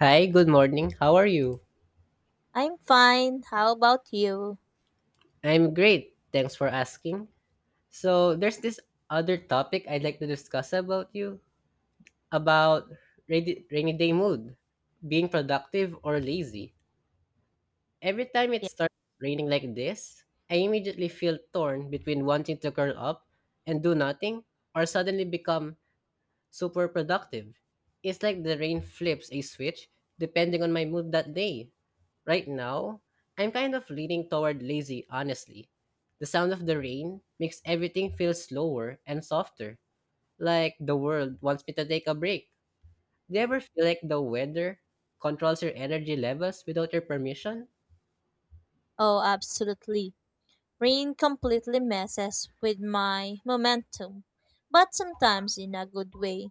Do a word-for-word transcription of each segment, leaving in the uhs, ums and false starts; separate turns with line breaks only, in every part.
Hi, good morning. How are you?
I'm fine. How about you?
I'm great. Thanks for asking. So, there's this other topic I'd like to discuss about you about rainy, rainy day mood, being productive or lazy. Every time it
Yeah.
starts raining like this, I immediately feel torn between wanting to curl up and do nothing or suddenly become super productive. It's like the rain flips a switch depending on my mood that day. Right now, I'm kind of leaning toward lazy, honestly. The sound of the rain makes everything feel slower and softer, like the world wants me to take a break. Do you ever feel like the weather controls your energy levels without your permission?
Oh, absolutely. Rain completely messes with my momentum, but sometimes in a good way.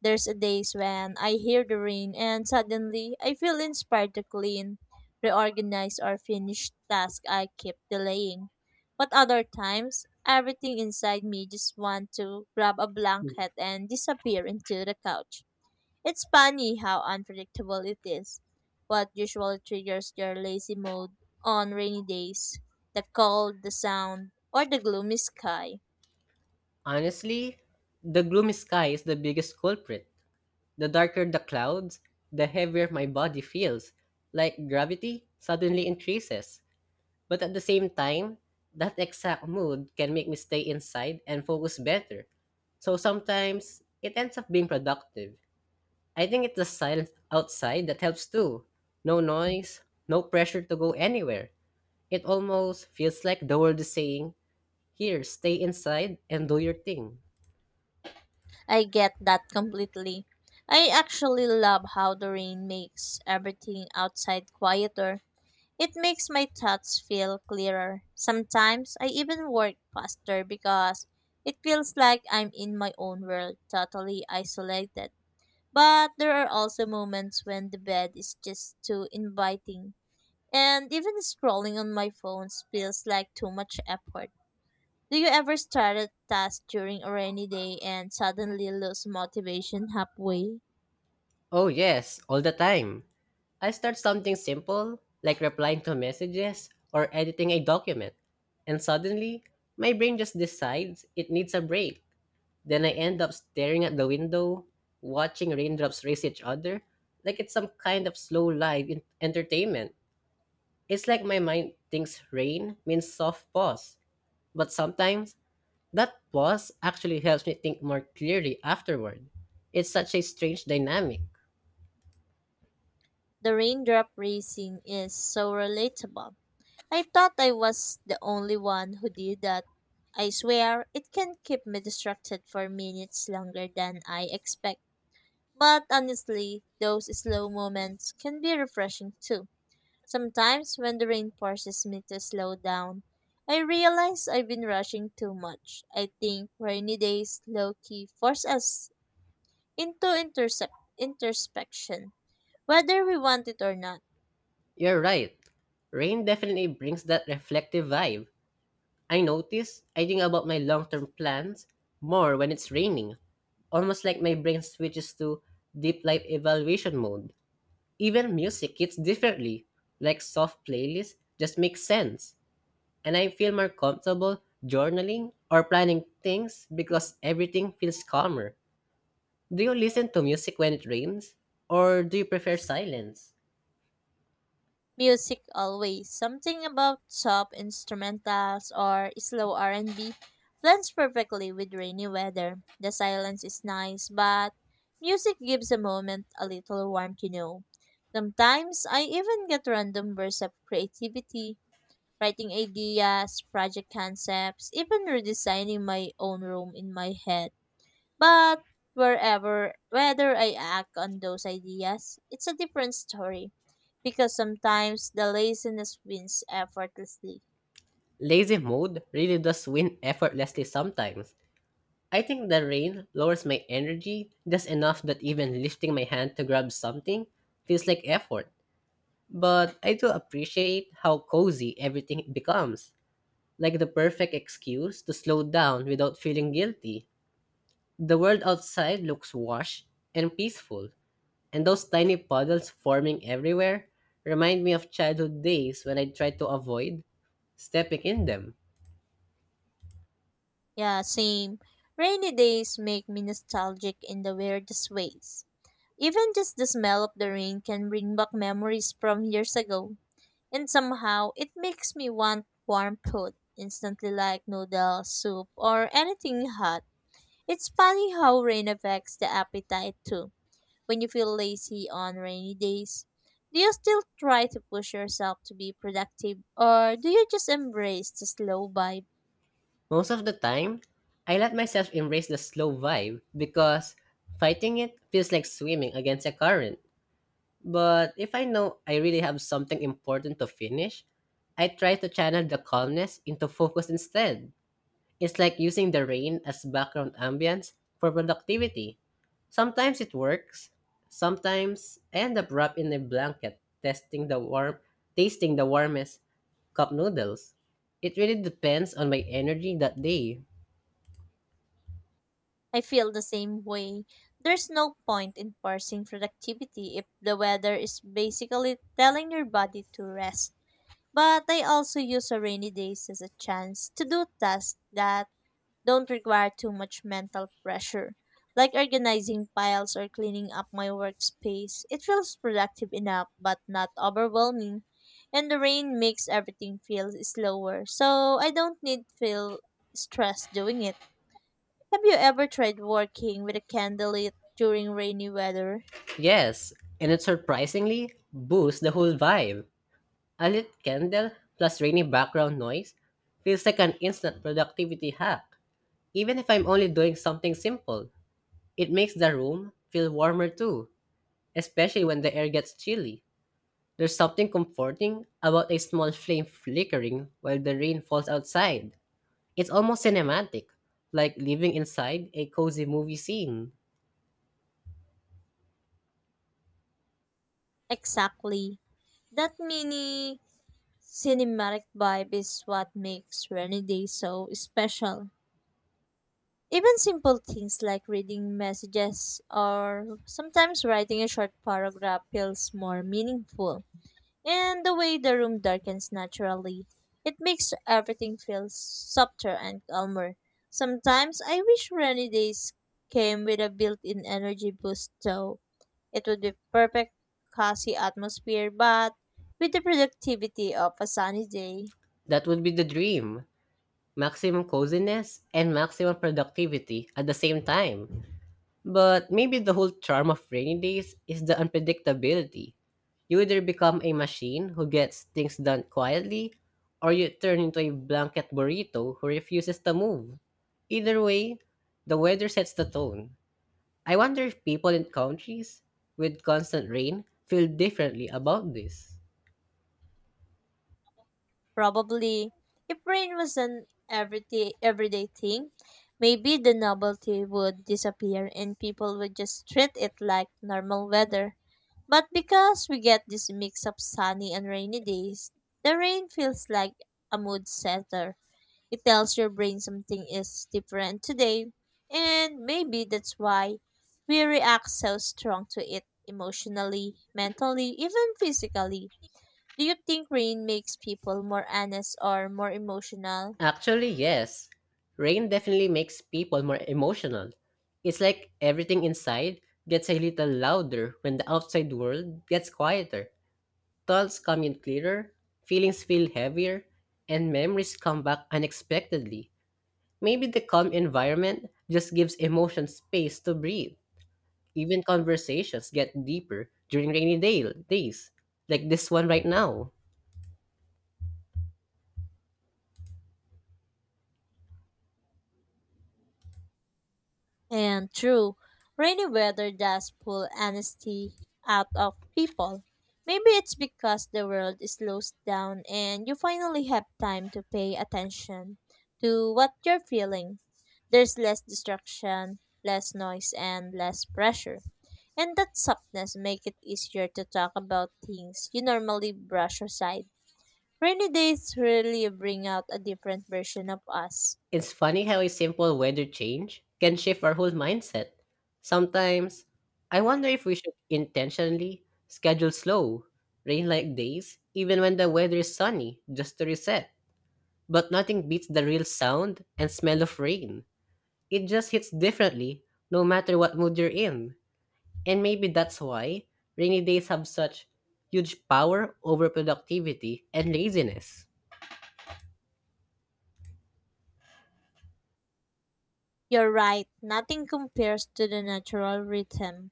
There's a days when I hear the rain and suddenly I feel inspired to clean, reorganize or finish tasks I keep delaying. But other times, everything inside me just want to grab a blanket and disappear into the couch. It's funny how unpredictable it is. What usually triggers your lazy mode on rainy days? The cold, the sound, or the gloomy sky?
Honestly, the gloomy sky is the biggest culprit. The darker the clouds, the heavier my body feels, like gravity suddenly increases. But at the same time, that exact mood can make me stay inside and focus better. So sometimes it ends up being productive. I think it's the silence outside that helps too. No noise, no pressure to go anywhere. It almost feels like the world is saying, here, stay inside and do your thing.
I get that completely. I actually love how the rain makes everything outside quieter. It makes my thoughts feel clearer. Sometimes I even work faster because it feels like I'm in my own world, totally isolated. But there are also moments when the bed is just too inviting. And even scrolling on my phone feels like too much effort. Do you ever start a task during a rainy day and suddenly lose motivation halfway?
Oh, yes, all the time. I start something simple, like replying to messages or editing a document, and suddenly my brain just decides it needs a break. Then I end up staring at the window, watching raindrops race each other, like it's some kind of slow live in- entertainment. It's like my mind thinks rain means soft pause, but sometimes that pause actually helps me think more clearly afterward. It's such a strange dynamic.
The raindrop racing is so relatable. I thought I was the only one who did that. I swear, it can keep me distracted for minutes longer than I expect. But honestly, those slow moments can be refreshing too. Sometimes, when the rain forces me to slow down, I realize I've been rushing too much. I think rainy days low key force us into intercept, introspection, whether we want it or not.
You're right. Rain definitely brings that reflective vibe. I notice I think about my long term plans more when it's raining, almost like my brain switches to deep life evaluation mode. Even music hits differently, like soft playlists just make sense. And I feel more comfortable journaling or planning things because everything feels calmer. Do you listen to music when it rains? Or do you prefer silence?
Music always. Something about soft instrumentals or slow R and B blends perfectly with rainy weather. The silence is nice, but music gives a moment a little warmth, you know. Sometimes I even get random bursts of creativity, writing ideas, project concepts, even redesigning my own room in my head. But wherever, whether I act on those ideas, it's a different story. Because sometimes the laziness wins effortlessly.
Lazy mode really does win effortlessly sometimes. I think the rain lowers my energy just enough that even lifting my hand to grab something feels like effort. But I do appreciate how cozy everything becomes, like the perfect excuse to slow down without feeling guilty. The world outside looks washed and peaceful, and those tiny puddles forming everywhere remind me of childhood days when I tried to avoid stepping in them.
Yeah, same. Rainy days make me nostalgic in the weirdest ways. Even just the smell of the rain can bring back memories from years ago. And somehow, it makes me want warm food instantly, like noodles, soup, or anything hot. It's funny how rain affects the appetite too. When you feel lazy on rainy days, do you still try to push yourself to be productive or do you just embrace the slow vibe?
Most of the time, I let myself embrace the slow vibe because fighting it feels like swimming against a current. But if I know I really have something important to finish, I try to channel the calmness into focus instead. It's like using the rain as background ambience for productivity. Sometimes it works, sometimes I end up wrapped in a blanket, testing the warm, tasting the warmest cup noodles. It really depends on my energy that day.
I feel the same way. There's no point in forcing productivity if the weather is basically telling your body to rest. But I also use a rainy days as a chance to do tasks that don't require too much mental pressure, like organizing files or cleaning up my workspace. It feels productive enough, but not overwhelming. And the rain makes everything feel slower, so I don't need feel stressed doing it. Have you ever tried working with a candlelit during rainy weather?
Yes, and it surprisingly boosts the whole vibe. A lit candle plus rainy background noise feels like an instant productivity hack. Even if I'm only doing something simple, it makes the room feel warmer too, especially when the air gets chilly. There's something comforting about a small flame flickering while the rain falls outside. It's almost cinematic, like living inside a cozy movie scene.
Exactly. That mini cinematic vibe is what makes rainy days so special. Even simple things like reading messages or sometimes writing a short paragraph feels more meaningful. And the way the room darkens naturally, it makes everything feel softer and calmer. Sometimes I wish rainy days came with a built in energy boost, though. It would be perfect, cozy atmosphere, but with the productivity of a sunny day.
That would be the dream, maximum coziness and maximum productivity at the same time. But maybe the whole charm of rainy days is the unpredictability. You either become a machine who gets things done quietly, or you turn into a blanket burrito who refuses to move. Either way, the weather sets the tone. I wonder if people in countries with constant rain feel differently about this.
Probably, if rain was an everyday everyday thing, maybe the novelty would disappear and people would just treat it like normal weather. But because we get this mix of sunny and rainy days, the rain feels like a mood setter. It tells your brain something is different today, and maybe that's why we react so strong to it emotionally, mentally, even physically. Do you think rain makes people more honest or more emotional?
Actually, yes. Rain definitely makes people more emotional. It's like everything inside gets a little louder when the outside world gets quieter. Thoughts come in clearer, feelings feel heavier, and memories come back unexpectedly. Maybe the calm environment just gives emotion space to breathe. Even conversations get deeper during rainy day- days, like this one right now.
And true, rainy weather does pull honesty out of people. Maybe it's because the world slows down and you finally have time to pay attention to what you're feeling. There's less distraction, less noise, and less pressure. And that softness make it easier to talk about things you normally brush aside. Rainy days really bring out a different version of us.
It's funny how a simple weather change can shift our whole mindset. Sometimes, I wonder if we should intentionally schedule slow, rain like days, even when the weather is sunny, just to reset. But nothing beats the real sound and smell of rain. It just hits differently, no matter what mood you're in. And maybe that's why rainy days have such huge power over productivity and laziness.
You're right, nothing compares to the natural rhythm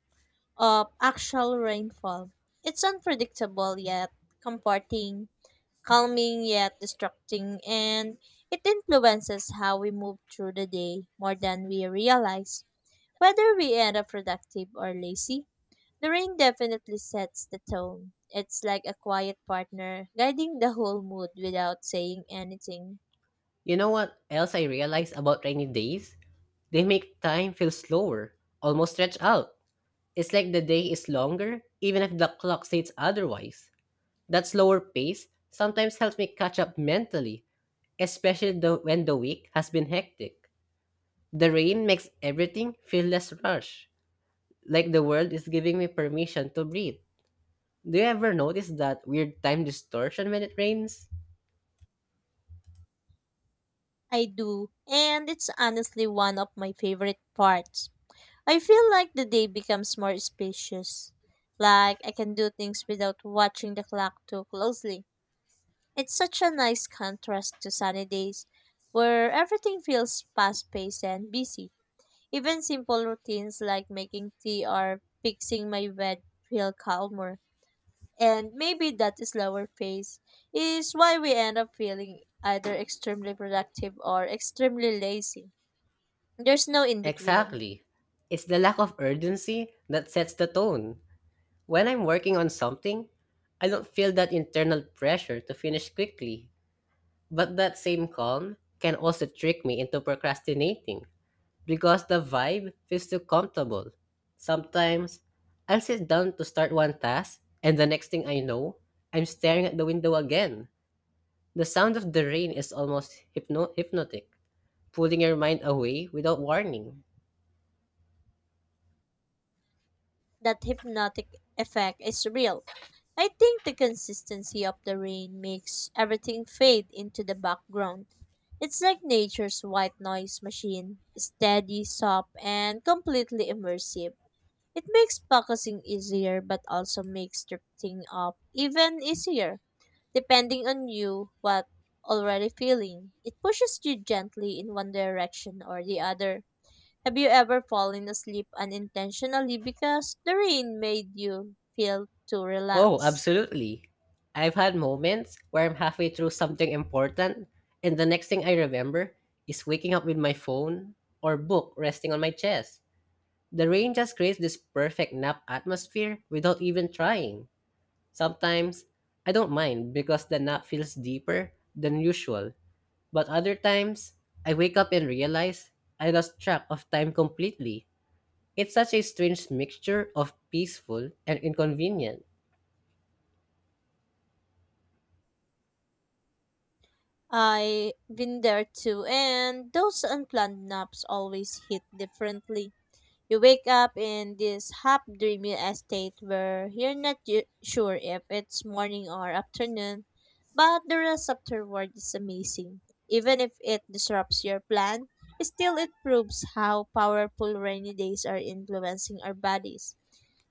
of actual rainfall. It's unpredictable yet comforting, calming yet distracting, and it influences how we move through the day more than we realize. Whether we end up productive or lazy, the rain definitely sets the tone. It's like a quiet partner guiding the whole mood without saying anything.
You know what else I realized about rainy days? They make time feel slower, almost stretched out. It's like the day is longer, even if the clock states otherwise. That slower pace sometimes helps me catch up mentally, especially the, when the week has been hectic. The rain makes everything feel less rushed, like the world is giving me permission to breathe. Do you ever notice that weird time distortion when it rains?
I do, and it's honestly one of my favorite parts. I feel like the day becomes more spacious. Like I can do things without watching the clock too closely. It's such a nice contrast to sunny days where everything feels fast paced and busy. Even simple routines like making tea or fixing my bed feel calmer. And maybe that slower pace is why we end up feeling either extremely productive or extremely lazy. There's no in between.
Exactly. It's the lack of urgency that sets the tone. When I'm working on something, I don't feel that internal pressure to finish quickly. But that same calm can also trick me into procrastinating because the vibe feels too comfortable. Sometimes, I'll sit down to start one task, and the next thing I know, I'm staring at the window again. The sound of the rain is almost hypno- hypnotic, pulling your mind away without warning.
That hypnotic effect is real. I think the consistency of the rain makes everything fade into the background. It's like nature's white noise machine, steady, soft, and completely immersive. It makes focusing easier but also makes drifting up even easier, depending on you what already feeling. It pushes you gently in one direction or the other. Have you ever fallen asleep unintentionally because the rain made you feel too
Oh,
relaxed?
absolutely. I've had moments where I'm halfway through something important, and the next thing I remember is waking up with my phone or book resting on my chest. The rain just creates this perfect nap atmosphere without even trying. Sometimes I don't mind because the nap feels deeper than usual, but other times I wake up and realize I lost track of time completely. It's such a strange mixture of peaceful and inconvenient.
I've been there too, and those unplanned naps always hit differently. You wake up in this half dreamy state where you're not y- sure if it's morning or afternoon, but the rest afterward is amazing. Even if it disrupts your plan, still it proves how powerful rainy days are influencing our bodies.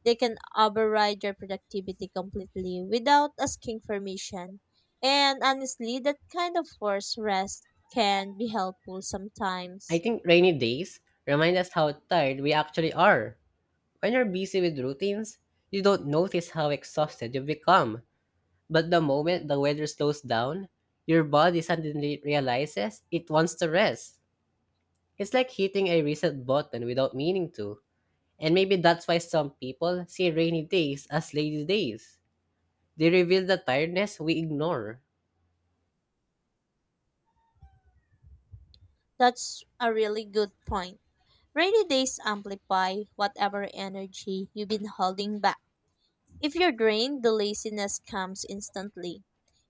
They can override your productivity completely without asking permission. And honestly, that kind of forced rest can be helpful
I
sometimes.
think rainy days remind us how tired we actually are. When you're busy with routines, you don't notice how exhausted you become. But the moment the weather slows down, your body suddenly realizes it wants to rest. It's like hitting a reset button without meaning to. And maybe that's why some people see rainy days as lazy days. They reveal the tiredness we ignore.
That's a really good point. Rainy days amplify whatever energy you've been holding back. If you're drained, the laziness comes instantly.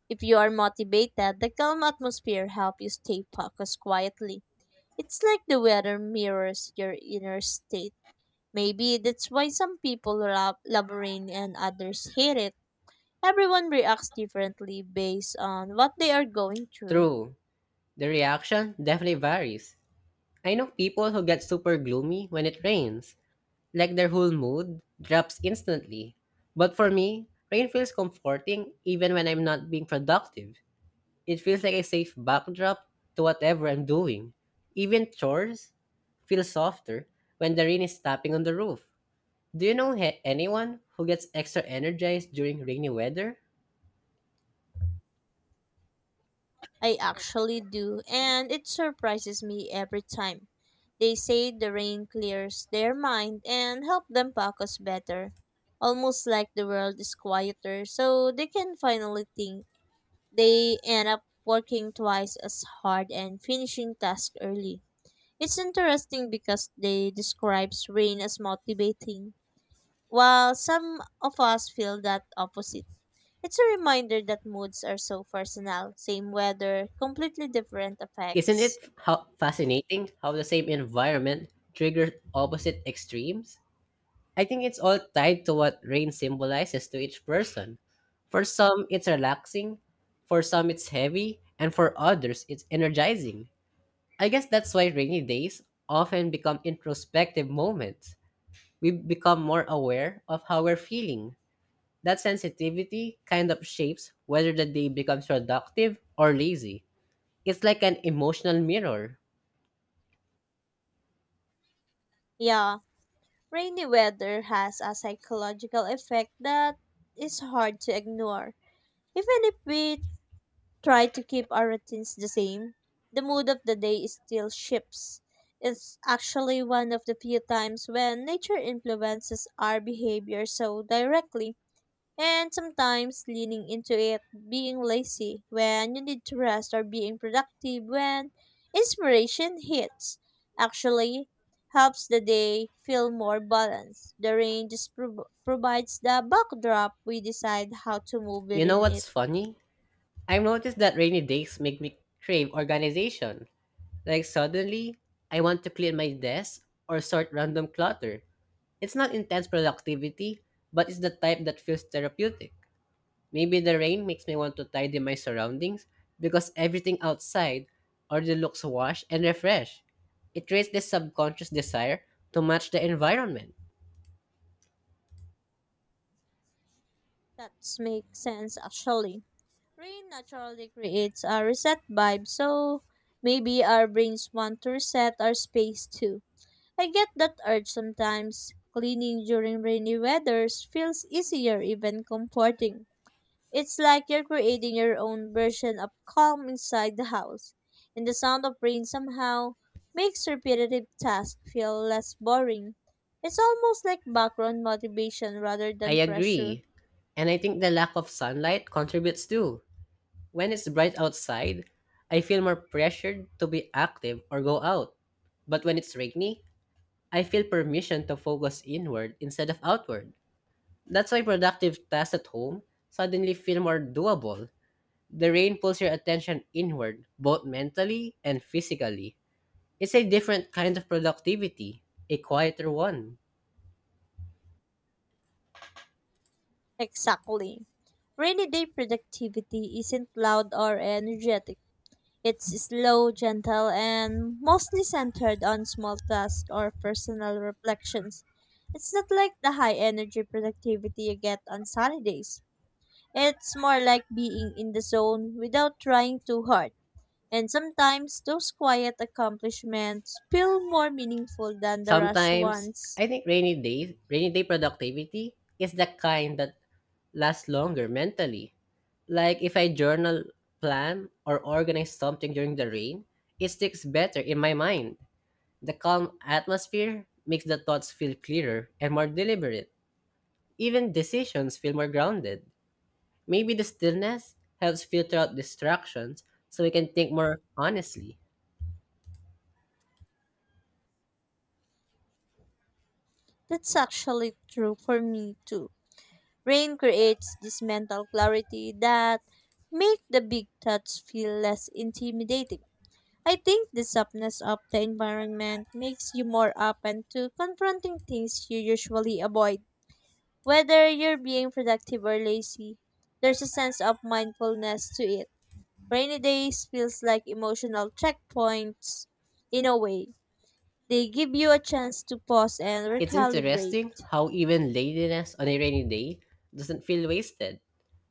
If you are motivated, the calm atmosphere helps you stay focused quietly. It's like the weather mirrors your inner state. Maybe that's why some people love Labyrinth and others hate it. Everyone reacts differently based on what they are going through.
True, the reaction definitely varies. I know people who get super gloomy when it rains, like their whole mood drops instantly. But for me, rain feels comforting even when I'm not being productive. It feels like a safe backdrop to whatever I'm doing. Even chores feel softer when the rain is tapping on the roof. Do you know he- anyone who gets extra energized during rainy weather?
I actually do, and it surprises me every time. They say the rain clears their mind and help them focus better. Almost like the world is quieter, so they can finally think. They end up working twice as hard and finishing tasks early. It's interesting because they describes rain as motivating, while some of us feel that opposite. It's a reminder that moods are so personal, same weather, completely different
Isn't
effects.
it how fascinating how the same environment triggers opposite extremes? I think it's all tied to what rain symbolizes to each person. For some, it's relaxing, for some, it's heavy, and for others, it's energizing. I guess that's why rainy days often become introspective moments. We become more aware of how we're feeling. That sensitivity kind of shapes whether the day becomes productive or lazy. It's like an emotional mirror.
Yeah, rainy weather has a psychological effect that is hard to ignore. Even if we try to keep our routines the same, the mood of the day is still shifts. It's actually one of the few times when nature influences our behavior so directly, and sometimes leaning into it, being lazy when you need to rest, or being productive when inspiration hits. Actually, helps the day feel more balanced. The rain just prov- provides the backdrop we decide how to move
You know
within it.
what's funny? I've noticed that rainy days make me crave organization. Like suddenly, I want to clear my desk or sort random clutter. It's not intense productivity, but it's the type that feels therapeutic. Maybe the rain makes me want to tidy my surroundings because everything outside already looks washed and refreshed. It creates this subconscious desire to match the environment.
That makes sense actually. Rain naturally creates a reset vibe, so maybe our brains want to reset our space too. I get that urge sometimes. Cleaning during rainy weathers feels easier, even comforting. It's like you're creating your own version of calm inside the house, and the sound of rain somehow makes repetitive tasks feel less boring. It's almost like background motivation rather
I
than pressure.
agree. And I think the lack of sunlight contributes too. When it's bright outside, I feel more pressured to be active or go out. But when it's rainy, I feel permission to focus inward instead of outward. That's why productive tasks at home suddenly feel more doable. The rain pulls your attention inward, both mentally and physically. It's a different kind of productivity, a quieter one.
Exactly. Rainy day productivity isn't loud or energetic. It's slow, gentle, and mostly centered on small tasks or personal reflections. It's not like the high energy productivity you get on sunny days. It's more like being in the zone without trying too hard. And sometimes those quiet accomplishments feel more meaningful than the rush
Sometimes,
ones.
I think rainy days, rainy day productivity is the kind that lasts longer mentally. Like if I journal, plan, or organize something during the rain, it sticks better in my mind. The calm atmosphere makes the thoughts feel clearer and more deliberate. Even decisions feel more grounded. Maybe the stillness helps filter out distractions so we can think more honestly.
That's actually true for me too. Rain creates this mental clarity that make the big thoughts feel less intimidating. I think the softness of the environment makes you more open to confronting things you usually avoid. Whether you're being productive or lazy, there's a sense of mindfulness to it. Rainy days feels like emotional checkpoints in a way. They give you a chance to pause and
It's
recalibrate.
interesting how even laziness on a rainy day doesn't feel wasted.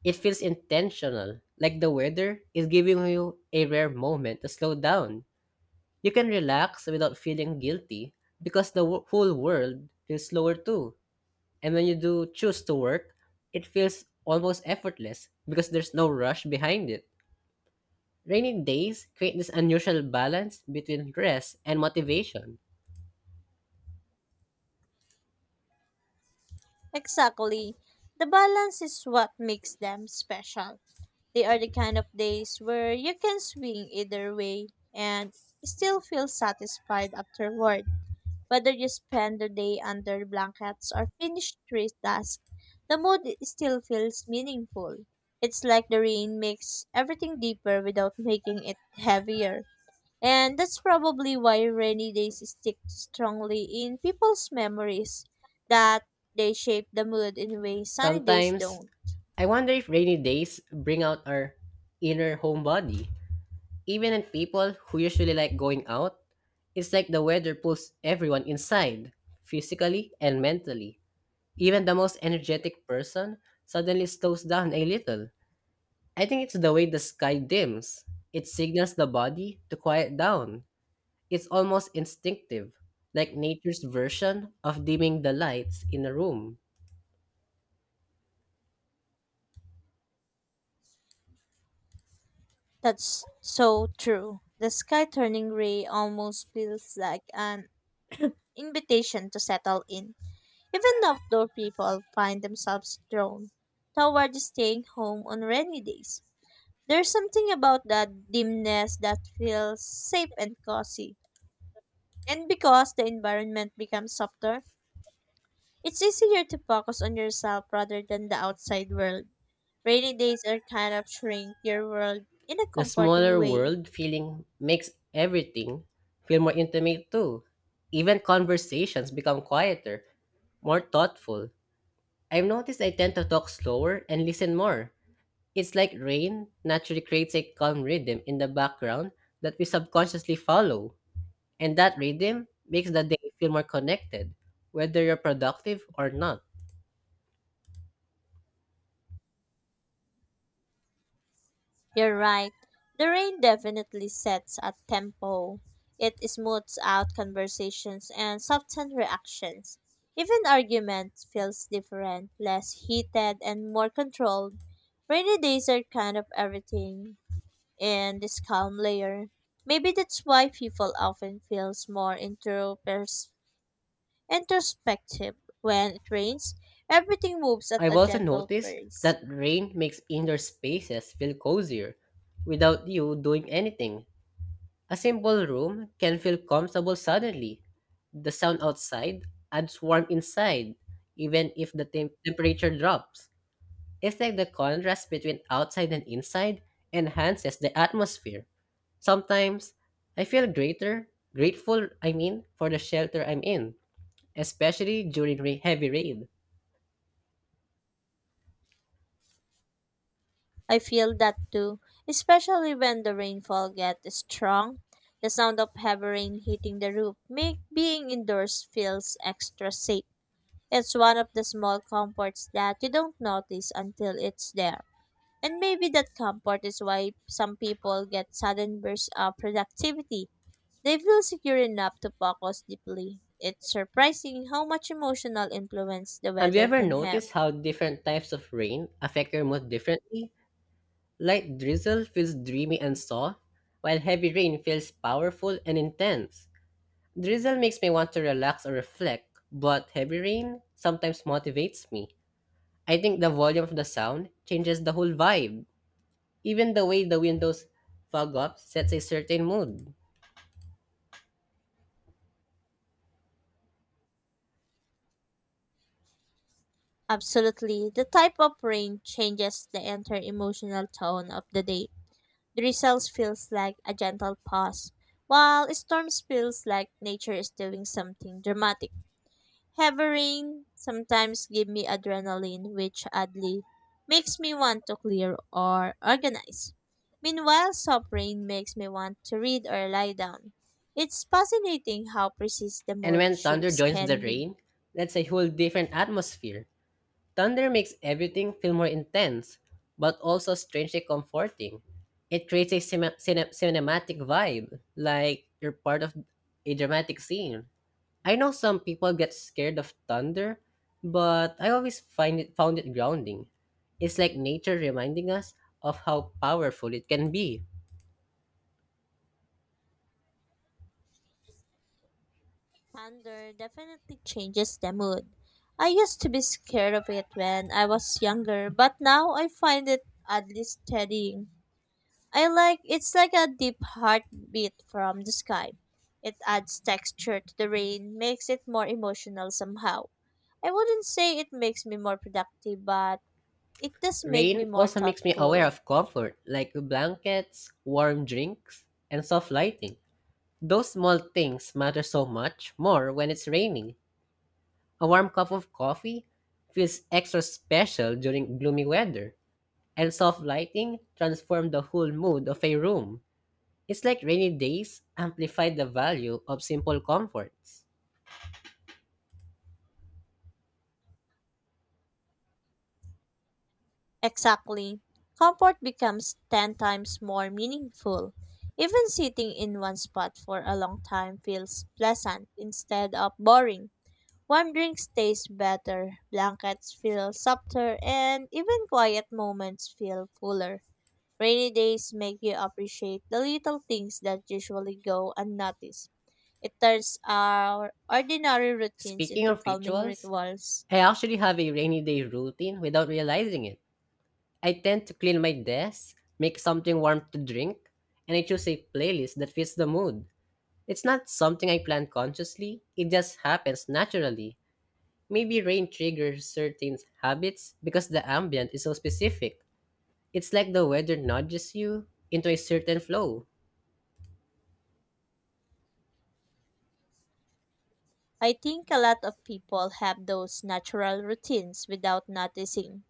It feels intentional, like the weather is giving you a rare moment to slow down. You can relax without feeling guilty because the wo- whole world feels slower too. And when you do choose to work, it feels almost effortless because there's no rush behind it. Rainy days create this unusual balance between rest and motivation.
Exactly. The balance is what makes them special. They are the kind of days where you can swing either way and still feel satisfied afterward. Whether you spend the day under blankets or finish trees task, the mood still feels meaningful. It's like the rain makes everything deeper without making it heavier. And that's probably why rainy days stick strongly in people's memories that they shape the mood in ways sunny days
Sometimes,
don't.
I wonder if rainy days bring out our inner homebody. Even in people who usually like going out, it's like the weather pulls everyone inside, physically and mentally. Even the most energetic person suddenly slows down a little. I think it's the way the sky dims. It signals the body to quiet down. It's almost instinctive, like nature's version of dimming the lights in a room.
That's so true. The sky turning gray almost feels like an invitation to settle in. Even outdoor people find themselves drawn toward staying home on rainy days. There's something about that dimness that feels safe and cozy. And because the environment becomes softer, it's easier to focus on yourself rather than the outside world. Rainy days are kind of shrink your world in a
The
comforting
smaller
way.
world feeling makes everything feel more intimate too. Even conversations become quieter, more thoughtful. I've noticed I tend to talk slower and listen more. It's like rain naturally creates a calm rhythm in the background that we subconsciously follow. And that rhythm makes the day feel more connected, whether you're productive or not.
You're right. The rain definitely sets a tempo. It smooths out conversations and softens reactions. Even arguments feels different, less heated and more controlled. Rainy days are kind of everything. In this calm layer. Maybe that's why people often feels more intropers- introspective when it rains. Everything moves at
I've
a
also
gentle
noticed
pace.
that rain makes indoor spaces feel cozier without you doing anything. A simple room can feel comfortable suddenly. The sound outside adds warmth inside, even if the tem- temperature drops. It's like the contrast between outside and inside enhances the atmosphere. Sometimes I feel greater, grateful, I mean, for the shelter I'm in, especially during ra- heavy rain.
I feel that too, especially when the rainfall gets strong. The sound of heavy rain hitting the roof make being indoors feels extra safe. It's one of the small comforts that you don't notice until it's there. And maybe that comfort is why some people get sudden bursts of productivity. They feel secure enough to focus deeply. It's surprising how much emotional influence the
Have you
weather
ever
can have.
noticed how different types of rain affect your mood differently? Light drizzle feels dreamy and soft, while heavy rain feels powerful and intense. Drizzle makes me want to relax or reflect, but heavy rain sometimes motivates me. I think the volume of the sound changes the whole vibe. Even the way the windows fog up sets a certain mood.
Absolutely, the type of rain changes the entire emotional tone of the day. The results feels like a gentle pause, while storms feels like nature is doing something dramatic. Heavy sometimes give me adrenaline, which oddly makes me want to clear or organize. Meanwhile, soft rain makes me want to read or lie down. It's fascinating how precise the
And
mood
when thunder
shifts
joins the
can be.
rain, that's a whole different atmosphere. Thunder makes everything feel more intense, but also strangely comforting. It creates a cine- cine- cinematic vibe, like you're part of a dramatic scene. I know some people get scared of thunder, but I always find it found it grounding. It's like nature reminding us of how powerful it can be.
Thunder definitely changes the mood. I used to be scared of it when I was younger, but now I find it oddly steadying. I like it's like a deep heartbeat from the sky. It adds texture to the rain, makes it more emotional somehow. I wouldn't say it makes me more productive, but it does make
Rain
me more
also makes me aware
thoughtful.
of comfort, like blankets, warm drinks, and soft lighting. Those small things matter so much more when it's raining. A warm cup of coffee feels extra special during gloomy weather, and soft lighting transforms the whole mood of a room. It's like rainy days amplify the value of simple comforts.
Exactly. Comfort becomes ten times more meaningful. Even sitting in one spot for a long time feels pleasant instead of boring. Warm drinks taste better, blankets feel softer, and even quiet moments feel fuller. Rainy days make you appreciate the little things that usually go unnoticed. It turns our ordinary routines
Speaking
into
of
calming
rituals,
rituals.
I actually have a rainy day routine without realizing it. I tend to clean my desk, make something warm to drink, and I choose a playlist that fits the mood. It's not something I plan consciously, it just happens naturally. Maybe rain triggers certain habits because the ambient is so specific. It's like the weather nudges you into a certain flow.
I think a lot of people have those natural routines without noticing.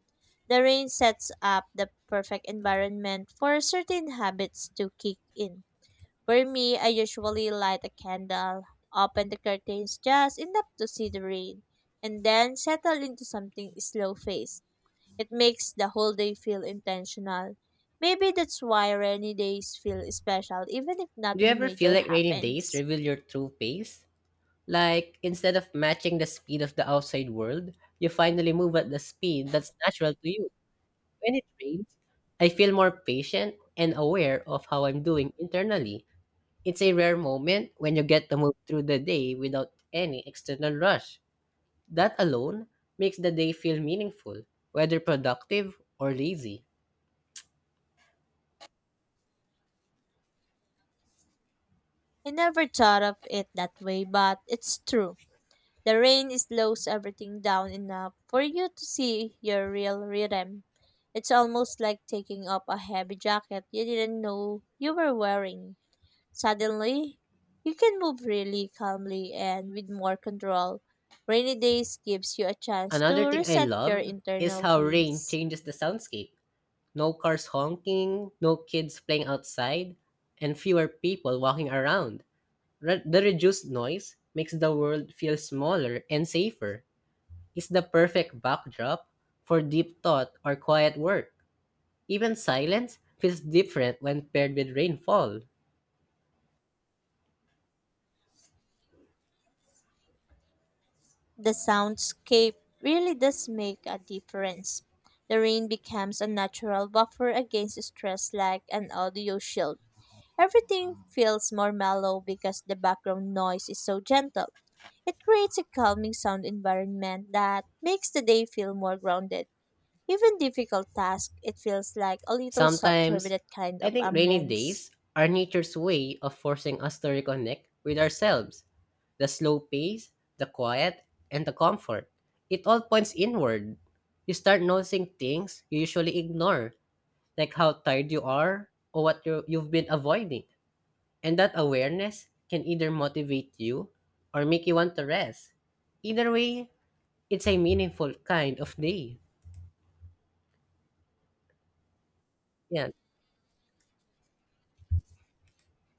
The rain sets up the perfect environment for certain habits to kick in. For me, I usually light a candle, open the curtains just enough to see the rain, and then settle into something slow-paced. It makes the whole day feel intentional. Maybe that's why rainy days feel special even if
Do you
nothing
ever feel
major
like rainy days
happens.
reveal your true pace? Like, instead of matching the speed of the outside world, you finally move at the speed that's natural to you. When it rains, I feel more patient and aware of how I'm doing internally. It's a rare moment when you get to move through the day without any external rush. That alone makes the day feel meaningful, whether productive or lazy.
I never thought of it that way, but it's true. The rain slows everything down enough for you to see your real rhythm. It's almost like taking off a heavy jacket you didn't know you were wearing. Suddenly, you can move really calmly and with more control. Rainy days gives you a chance
Another
to
thing I
reset your
love is
internal
how rain
peace.
changes the soundscape. No cars honking, no kids playing outside, and fewer people walking around. Re- the reduced noise makes the world feel smaller and safer. It's the perfect backdrop for deep thought or quiet work. Even silence feels different when paired with rainfall.
The soundscape really does make a difference. The rain becomes a natural buffer against stress like an audio shield. Everything feels more mellow because the background noise is so gentle. It creates a calming sound environment that makes the day feel more grounded. Even difficult tasks, it feels like a little softer with
Sometimes,
that kind
I
of
think rainy
ambience.
days are nature's way of forcing us to reconnect with ourselves. The slow pace, the quiet, and the comfort. It all points inward. You start noticing things you usually ignore, like how tired you are or what you you've been avoiding. And that awareness can either motivate you or make you want to rest. Either way, it's a meaningful kind of day. Yeah,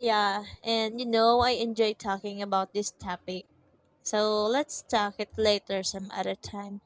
Yeah, and you know, I enjoy talking about this topic. So let's talk it later some other time.